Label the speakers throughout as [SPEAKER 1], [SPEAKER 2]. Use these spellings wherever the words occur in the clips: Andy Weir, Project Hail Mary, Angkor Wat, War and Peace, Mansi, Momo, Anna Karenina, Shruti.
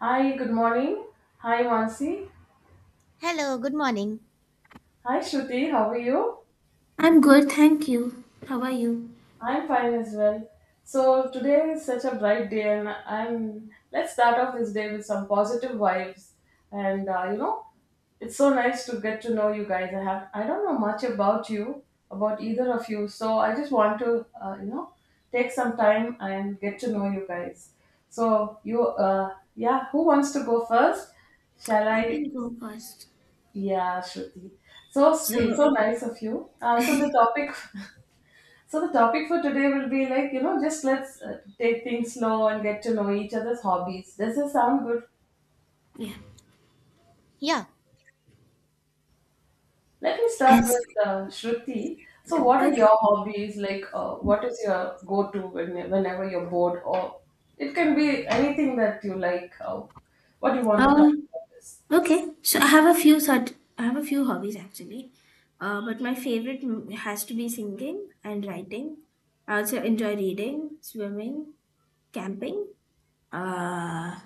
[SPEAKER 1] Hi, good morning. Hi, Mansi.
[SPEAKER 2] Hello, good morning.
[SPEAKER 1] Hi, Shruti. How are you?
[SPEAKER 3] I'm good, thank you. How are you?
[SPEAKER 1] I'm fine as well. So today is such a bright day, and I'm. Let's start off this day with some positive vibes, and it's so nice to get to know you guys. I have. I don't know much about you, about either of you. So I just want to, take some time and get to know you guys. So yeah. Who wants to go first? Shall
[SPEAKER 3] I can
[SPEAKER 1] I?
[SPEAKER 3] go first.
[SPEAKER 1] Yeah, Shruti. So sweet, so
[SPEAKER 3] So,
[SPEAKER 1] nice of you. So the topic, so the topic for today will be just let's take things slow and get to know each other's hobbies. Does this sound good?
[SPEAKER 3] yeah.
[SPEAKER 2] Yeah,
[SPEAKER 1] Let me start
[SPEAKER 3] Yes.
[SPEAKER 1] with Shruti. So what are
[SPEAKER 3] Okay.
[SPEAKER 1] your hobbies? Like, what is your go-to whenever you're bored, or it can be anything that you like. What do you want to
[SPEAKER 3] Uh,
[SPEAKER 1] talk about?
[SPEAKER 3] okay. So I have a few hobbies actually. But my favorite has to be singing and writing. I also enjoy reading, swimming, camping. Uh,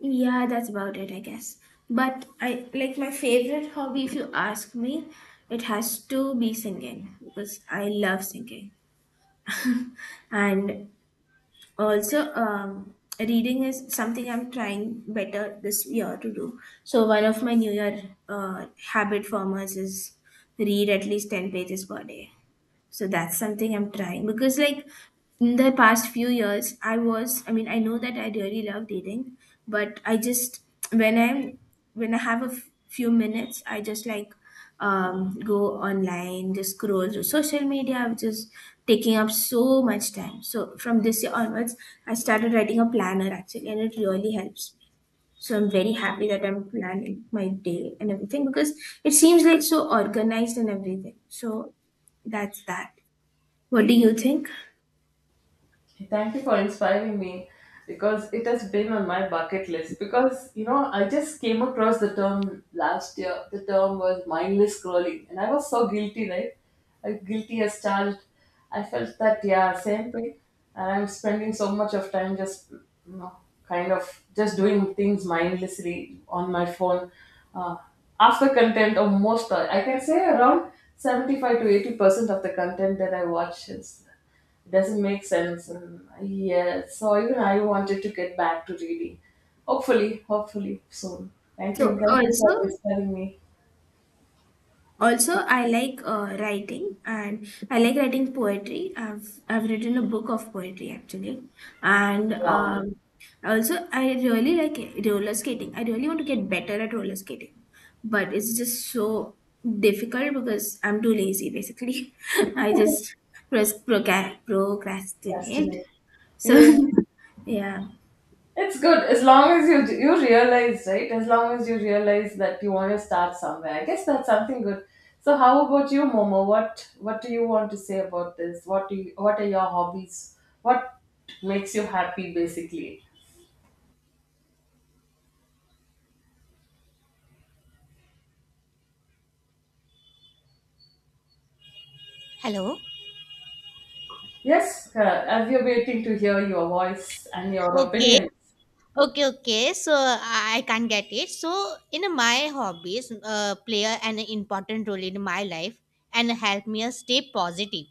[SPEAKER 3] yeah, that's about it, I guess. But I like my favorite hobby, if you ask me, it has to be singing because I love singing. And also reading is something I'm trying better this year to do, so one of my new year uh, habit formers is read at least 10 pages per day. So that's something I'm trying because, in the past few years, I mean, I know that I really love dating, but I just, when I'm, when I have a few minutes, I just go online, just scroll through social media, which is taking up so much time. So from this year onwards, I started writing a planner actually, and it really helps. So I'm very happy that I'm planning my day and everything because it seems like so organized and everything. So that's that. What do you think?
[SPEAKER 1] Thank you for inspiring me because it has been on my bucket list. Because you know, I just came across the term last year. The term was mindless scrolling, and I was so guilty, right? I guilty as charged. I felt that, yeah, same thing. And I'm spending so much of time, just, you know, kind of just doing things mindlessly on my phone. Uh, after content, or most, I can say around 75 to 80% of the content that I watch is doesn't make sense. And yeah, so even I wanted to get back to reading. Hopefully, hopefully soon. Thank
[SPEAKER 3] So
[SPEAKER 1] you. Thank you for
[SPEAKER 3] also
[SPEAKER 1] inspiring me.
[SPEAKER 3] also I like writing, and I like writing poetry. I've written a book of poetry actually, and
[SPEAKER 1] Wow,
[SPEAKER 3] also I really like roller skating. I really want to get better at roller skating, but it's just so difficult because I'm too lazy. Basically, I just procrastinate.
[SPEAKER 1] fascinating.
[SPEAKER 3] So
[SPEAKER 1] Yeah,
[SPEAKER 3] yeah.
[SPEAKER 1] it's good as long as you realize, right? As long as you realize that you want to start somewhere. I guess that's something good. So, how about you, Momo? What do you want to say about this? What are your hobbies? What makes you happy, basically?
[SPEAKER 2] hello.
[SPEAKER 1] Yes, I'll be waiting to hear your voice and your
[SPEAKER 2] Okay,
[SPEAKER 1] opinion.
[SPEAKER 2] okay. So I can't get it. So in my hobbies, play an important role in my life and help me stay positive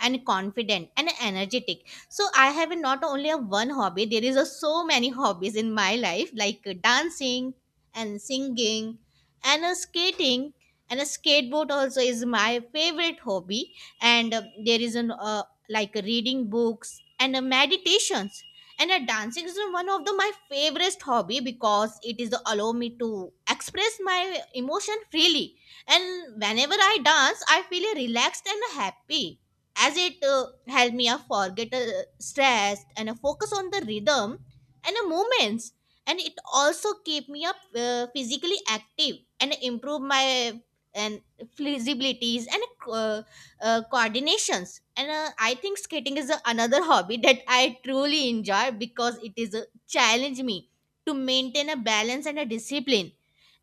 [SPEAKER 2] and confident and energetic. So I have not only a one hobby. There is a so many hobbies in my life, like dancing and singing and skating and a skateboard also is my favorite hobby. And there is an like reading books and meditations and dancing is one of the my favorite hobby because it is the allow me to express my emotion freely, and whenever I dance I feel relaxed and happy as it help me forget stress and focus on the rhythm and the movements, and it also keep me up physically active and improve my and flexibilities and uh, coordinations, and I think skating is a, another hobby that I truly enjoy because it is a challenge me to maintain a balance and a discipline,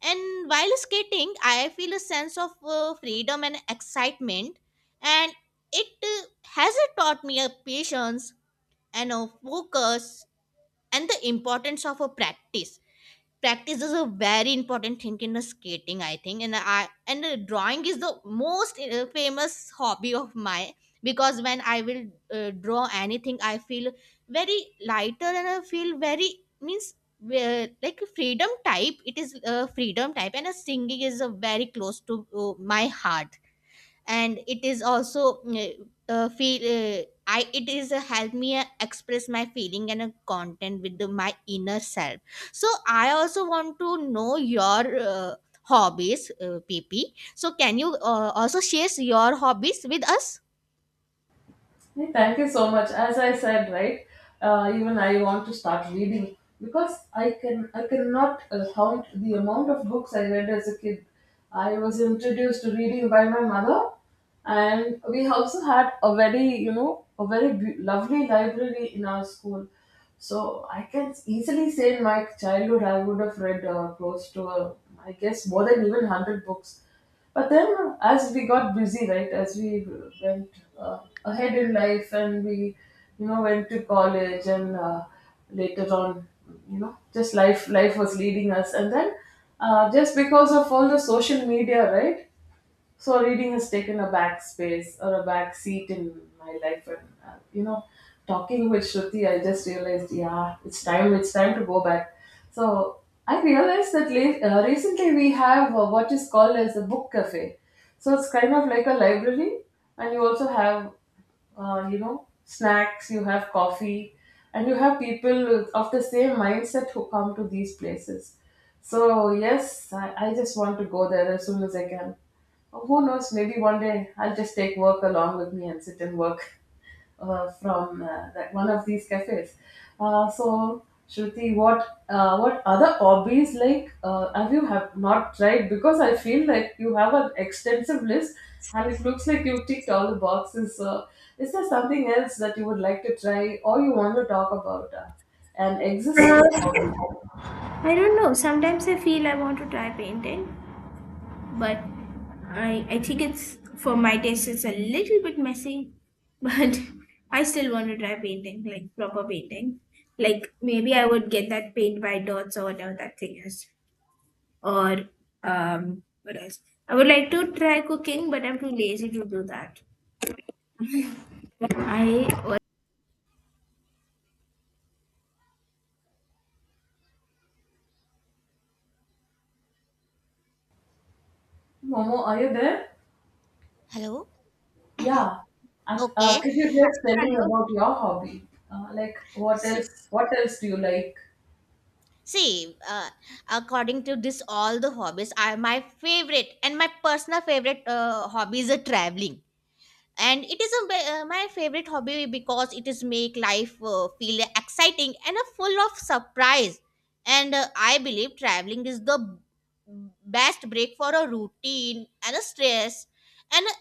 [SPEAKER 2] and while skating I feel a sense of freedom and excitement, and it has taught me a patience and a focus and the importance of a practice. Is a very important thing in the skating I think, and I and drawing is the most famous hobby of mine because when I will draw anything I feel very lighter, and I feel very means like freedom type. It is freedom type. And singing is very close to my heart, and it is also feel I it is help me express my feeling and content with the, my inner self. So I also want to know your hobbies, PP. So can you also share your hobbies with us?
[SPEAKER 1] Hey, thank you so much. As I said, right, even I want to start reading because I cannot count the amount of books I read as a kid. I was introduced to reading by my mother, and we also had a very, you know, a very lovely library in our school. So I can easily say in my childhood I would have read close to, I guess, more than even hundred books. But then, as we got busy, right, as we went uh, ahead in life and we, you know, went to college and later on, you know, just life was leading us. And then, just because of all the social media, right, so reading has taken a back space or a back seat in my life, and uh, you know, talking with Shruti, I just realized, yeah, it's time. It's time to go back. So I realized that recently we have what is called as a book cafe. So it's kind of like a library, and you also have, you know, snacks. You have coffee, and you have people of the same mindset who come to these places. So yes, I just want to go there as soon as I can. Oh, who knows? Maybe one day I'll just take work along with me and sit and work from that one of these cafes. So, Shruti, what other hobbies have not tried? Because I feel like you have an extensive list, and it looks like you ticked all the boxes. Is there something else that you would like to try, or you want to talk about an existing hobby?
[SPEAKER 3] I don't know. Sometimes I feel I want to try painting, but I think it's for my taste it's a little bit messy, but I still want to try painting, like proper painting. Like maybe I would get that paint by dots or whatever that thing is. Or what else? I would like to try cooking, but I'm too lazy to do that. I was-
[SPEAKER 1] Momo, are you there?
[SPEAKER 2] Hello?
[SPEAKER 1] Yeah, and,
[SPEAKER 2] Okay.
[SPEAKER 1] could you
[SPEAKER 3] yeah,
[SPEAKER 1] just tell me
[SPEAKER 3] hello.
[SPEAKER 1] about your hobby? Like, what
[SPEAKER 2] See,
[SPEAKER 1] else? What else do you like?
[SPEAKER 2] see, according to this, all the hobbies are my favorite, and my personal favorite hobby is traveling. And it is a, my favorite hobby because it is make life feel exciting and full of surprise, and I believe traveling is the best break for a routine and a stress and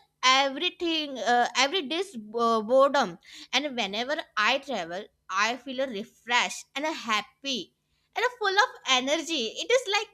[SPEAKER 2] everything, every day's boredom. And whenever I travel, I feel refreshed and happy and full of energy. It is like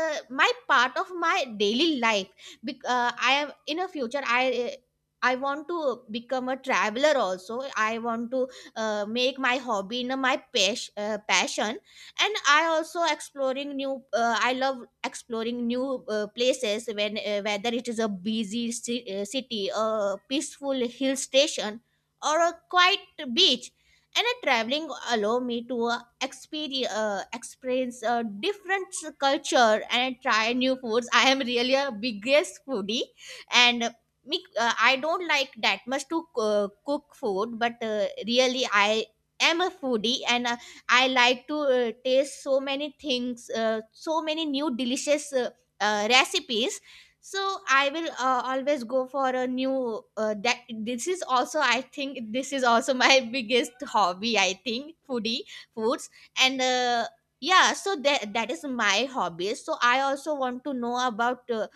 [SPEAKER 2] my part of my daily life. I am in a future I want to become a traveler also. I want to make my hobby in my passion, and I also exploring new. I love exploring new places when whether it is a busy city, a peaceful hill station, or a quiet beach. And a traveling allow me to experience a different culture and try new foods. I am really a biggest foodie, and I don't like that much to cook food, but really I am a foodie, and I like to taste so many things, so many new delicious recipes. So I will always go for a new. That this is also I think this is also my biggest hobby. I think foodie foods. And. Yeah, so that is my hobby. So I also want to know about uh,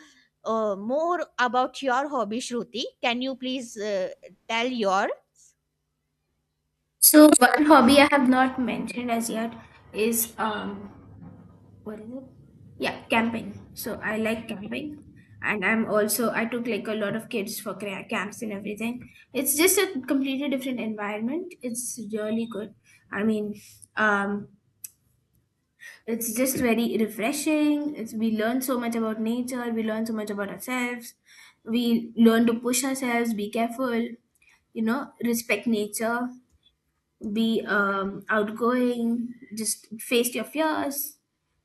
[SPEAKER 2] uh, more about your hobby, Shruti. Can you please tell your?
[SPEAKER 3] So one hobby I have not mentioned as yet is what is it? Yeah, camping. So I like camping, and I took like a lot of kids for camps and everything. It's just a completely different environment. It's really good. I mean, um, it's just very refreshing. It's we learn so much about nature. We learn so much about ourselves. We learn to push ourselves. Be careful. You know, respect nature, be outgoing, just face your fears,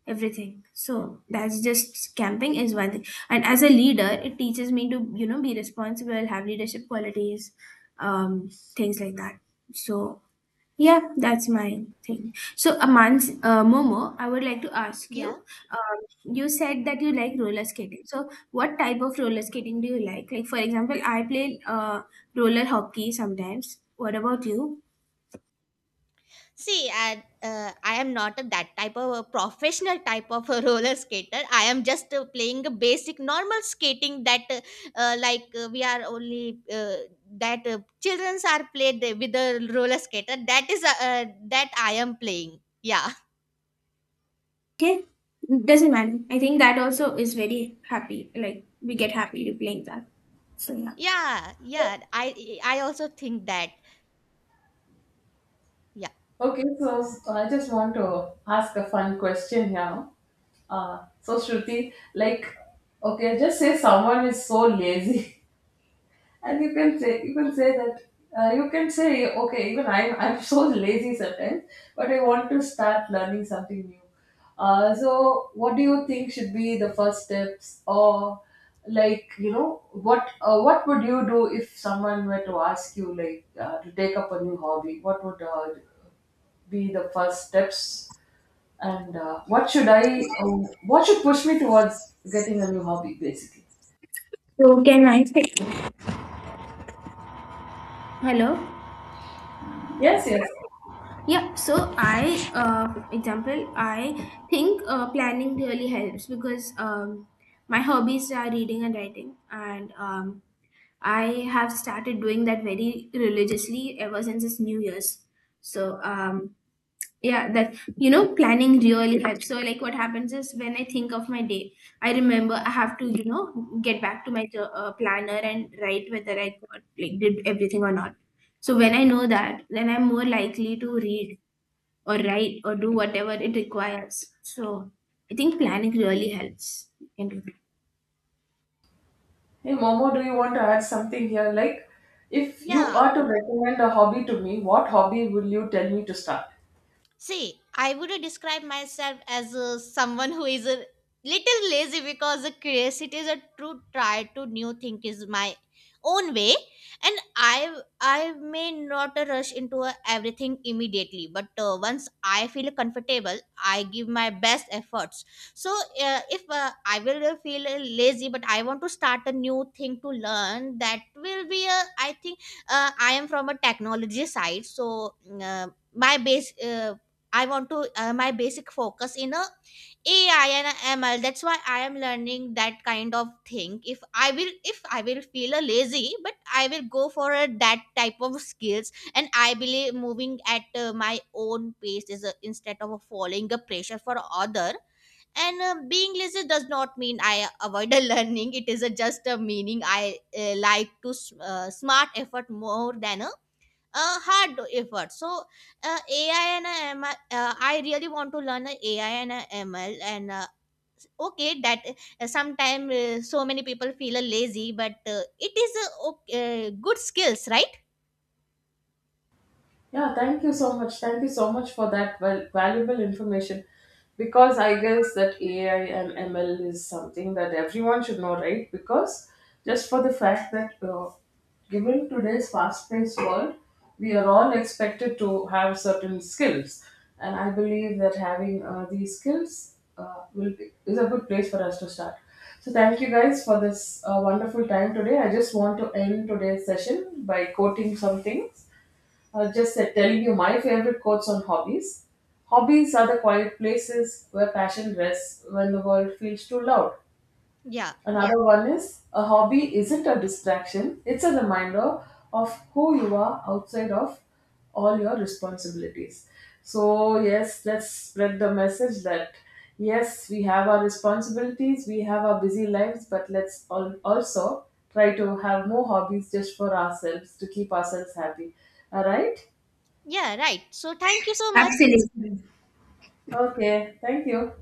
[SPEAKER 3] everything. So that's just camping is one thing. And as a leader, it teaches me to, you know, be responsible, have leadership qualities, um, things like that. So yeah, that's my thing. So Amans, Momo, I would like to ask
[SPEAKER 2] Yeah.
[SPEAKER 3] you. Um, you said that you like roller skating. So what type of roller skating do you like? Like for example, I play roller hockey sometimes. What about you?
[SPEAKER 2] See, I am not a, that type of a professional type of a roller skater. I am just playing a basic normal skating that, like, we are only that childrens are played with a roller skater. That is that I am playing. Yeah.
[SPEAKER 3] Okay, doesn't matter. I think that also is very happy. Like we get happy to playing that. So
[SPEAKER 2] Yeah. Yeah. I also think that. Yeah.
[SPEAKER 1] Okay, so so I just want to ask a fun question here. So Shruti, like, okay, just say someone is so lazy. and you can say that you can say okay, even I'm I'm so lazy sometimes, but I want to start learning something new. So what do you think should be the first steps? Or, like, you know, what would you do if someone were to ask you, like, to take up a new hobby? What would be the first steps, and
[SPEAKER 3] yeah.
[SPEAKER 1] what should push me towards getting a new hobby, basically?
[SPEAKER 3] So can I say hello?
[SPEAKER 1] Yes, yes.
[SPEAKER 3] Yeah, so I think planning really helps because my hobbies are reading and writing, and I have started doing that very religiously ever since it's New Year's. So yeah, that you know, planning really helps. So, like, what happens is when I think of my day, I remember I have to, you know, get back to my planner and write whether I got, like, did everything or not. So when I know that, then I'm more likely to read or write or do whatever it requires. So I think planning really helps. You can do that.
[SPEAKER 1] Hey Momo, do you want to add something here? Like, if you
[SPEAKER 2] Yeah.
[SPEAKER 1] are to recommend a hobby to me, what hobby will you tell me to start?
[SPEAKER 2] See, I would describe myself as someone who is a little lazy because the curiosity is a true try to new thing is my own way, and I may not rush into everything immediately, but once I feel comfortable, I give my best efforts. So if I will feel lazy, but I want to start a new thing to learn, that will be a I think I am from a technology side, so. Uh, my base I want to my basic focus in a AI and a ML. That's why I am learning that kind of thing. If I will feel a lazy, but I will go for a, that type of skills. And I believe moving at my own pace is a, instead of following a pressure for other. And being lazy does not mean I avoid a learning. It is a, just a meaning I like to smart effort more than a hard effort. So AI and ML, I really want to learn AI and ML. And okay, that sometimes so many people feel lazy, but it is a good skills, right?
[SPEAKER 1] Yeah, thank you so much. Thank you so much for that valuable information. Because I guess that AI and ML is something that everyone should know, right? Because just for the fact that, given today's fast paced world, we are all expected to have certain skills. And I believe that having these skills is a good place for us to start. So, thank you guys for this wonderful time today. I just want to end today's session by quoting some things, just telling you my favorite quotes on hobbies. Hobbies are the quiet places where passion rests when the world feels too loud.
[SPEAKER 2] Yeah,
[SPEAKER 1] Yeah. Another one is, a hobby isn't a distraction, it's a reminder of who you are outside of all your responsibilities. So, yes, let's spread the message that yes, we have our responsibilities, we have our busy lives, but let's all also try to have more hobbies just for ourselves to keep ourselves happy. All right?
[SPEAKER 2] yeah, right. So thank you so much.
[SPEAKER 3] Absolutely.
[SPEAKER 1] Okay, thank you.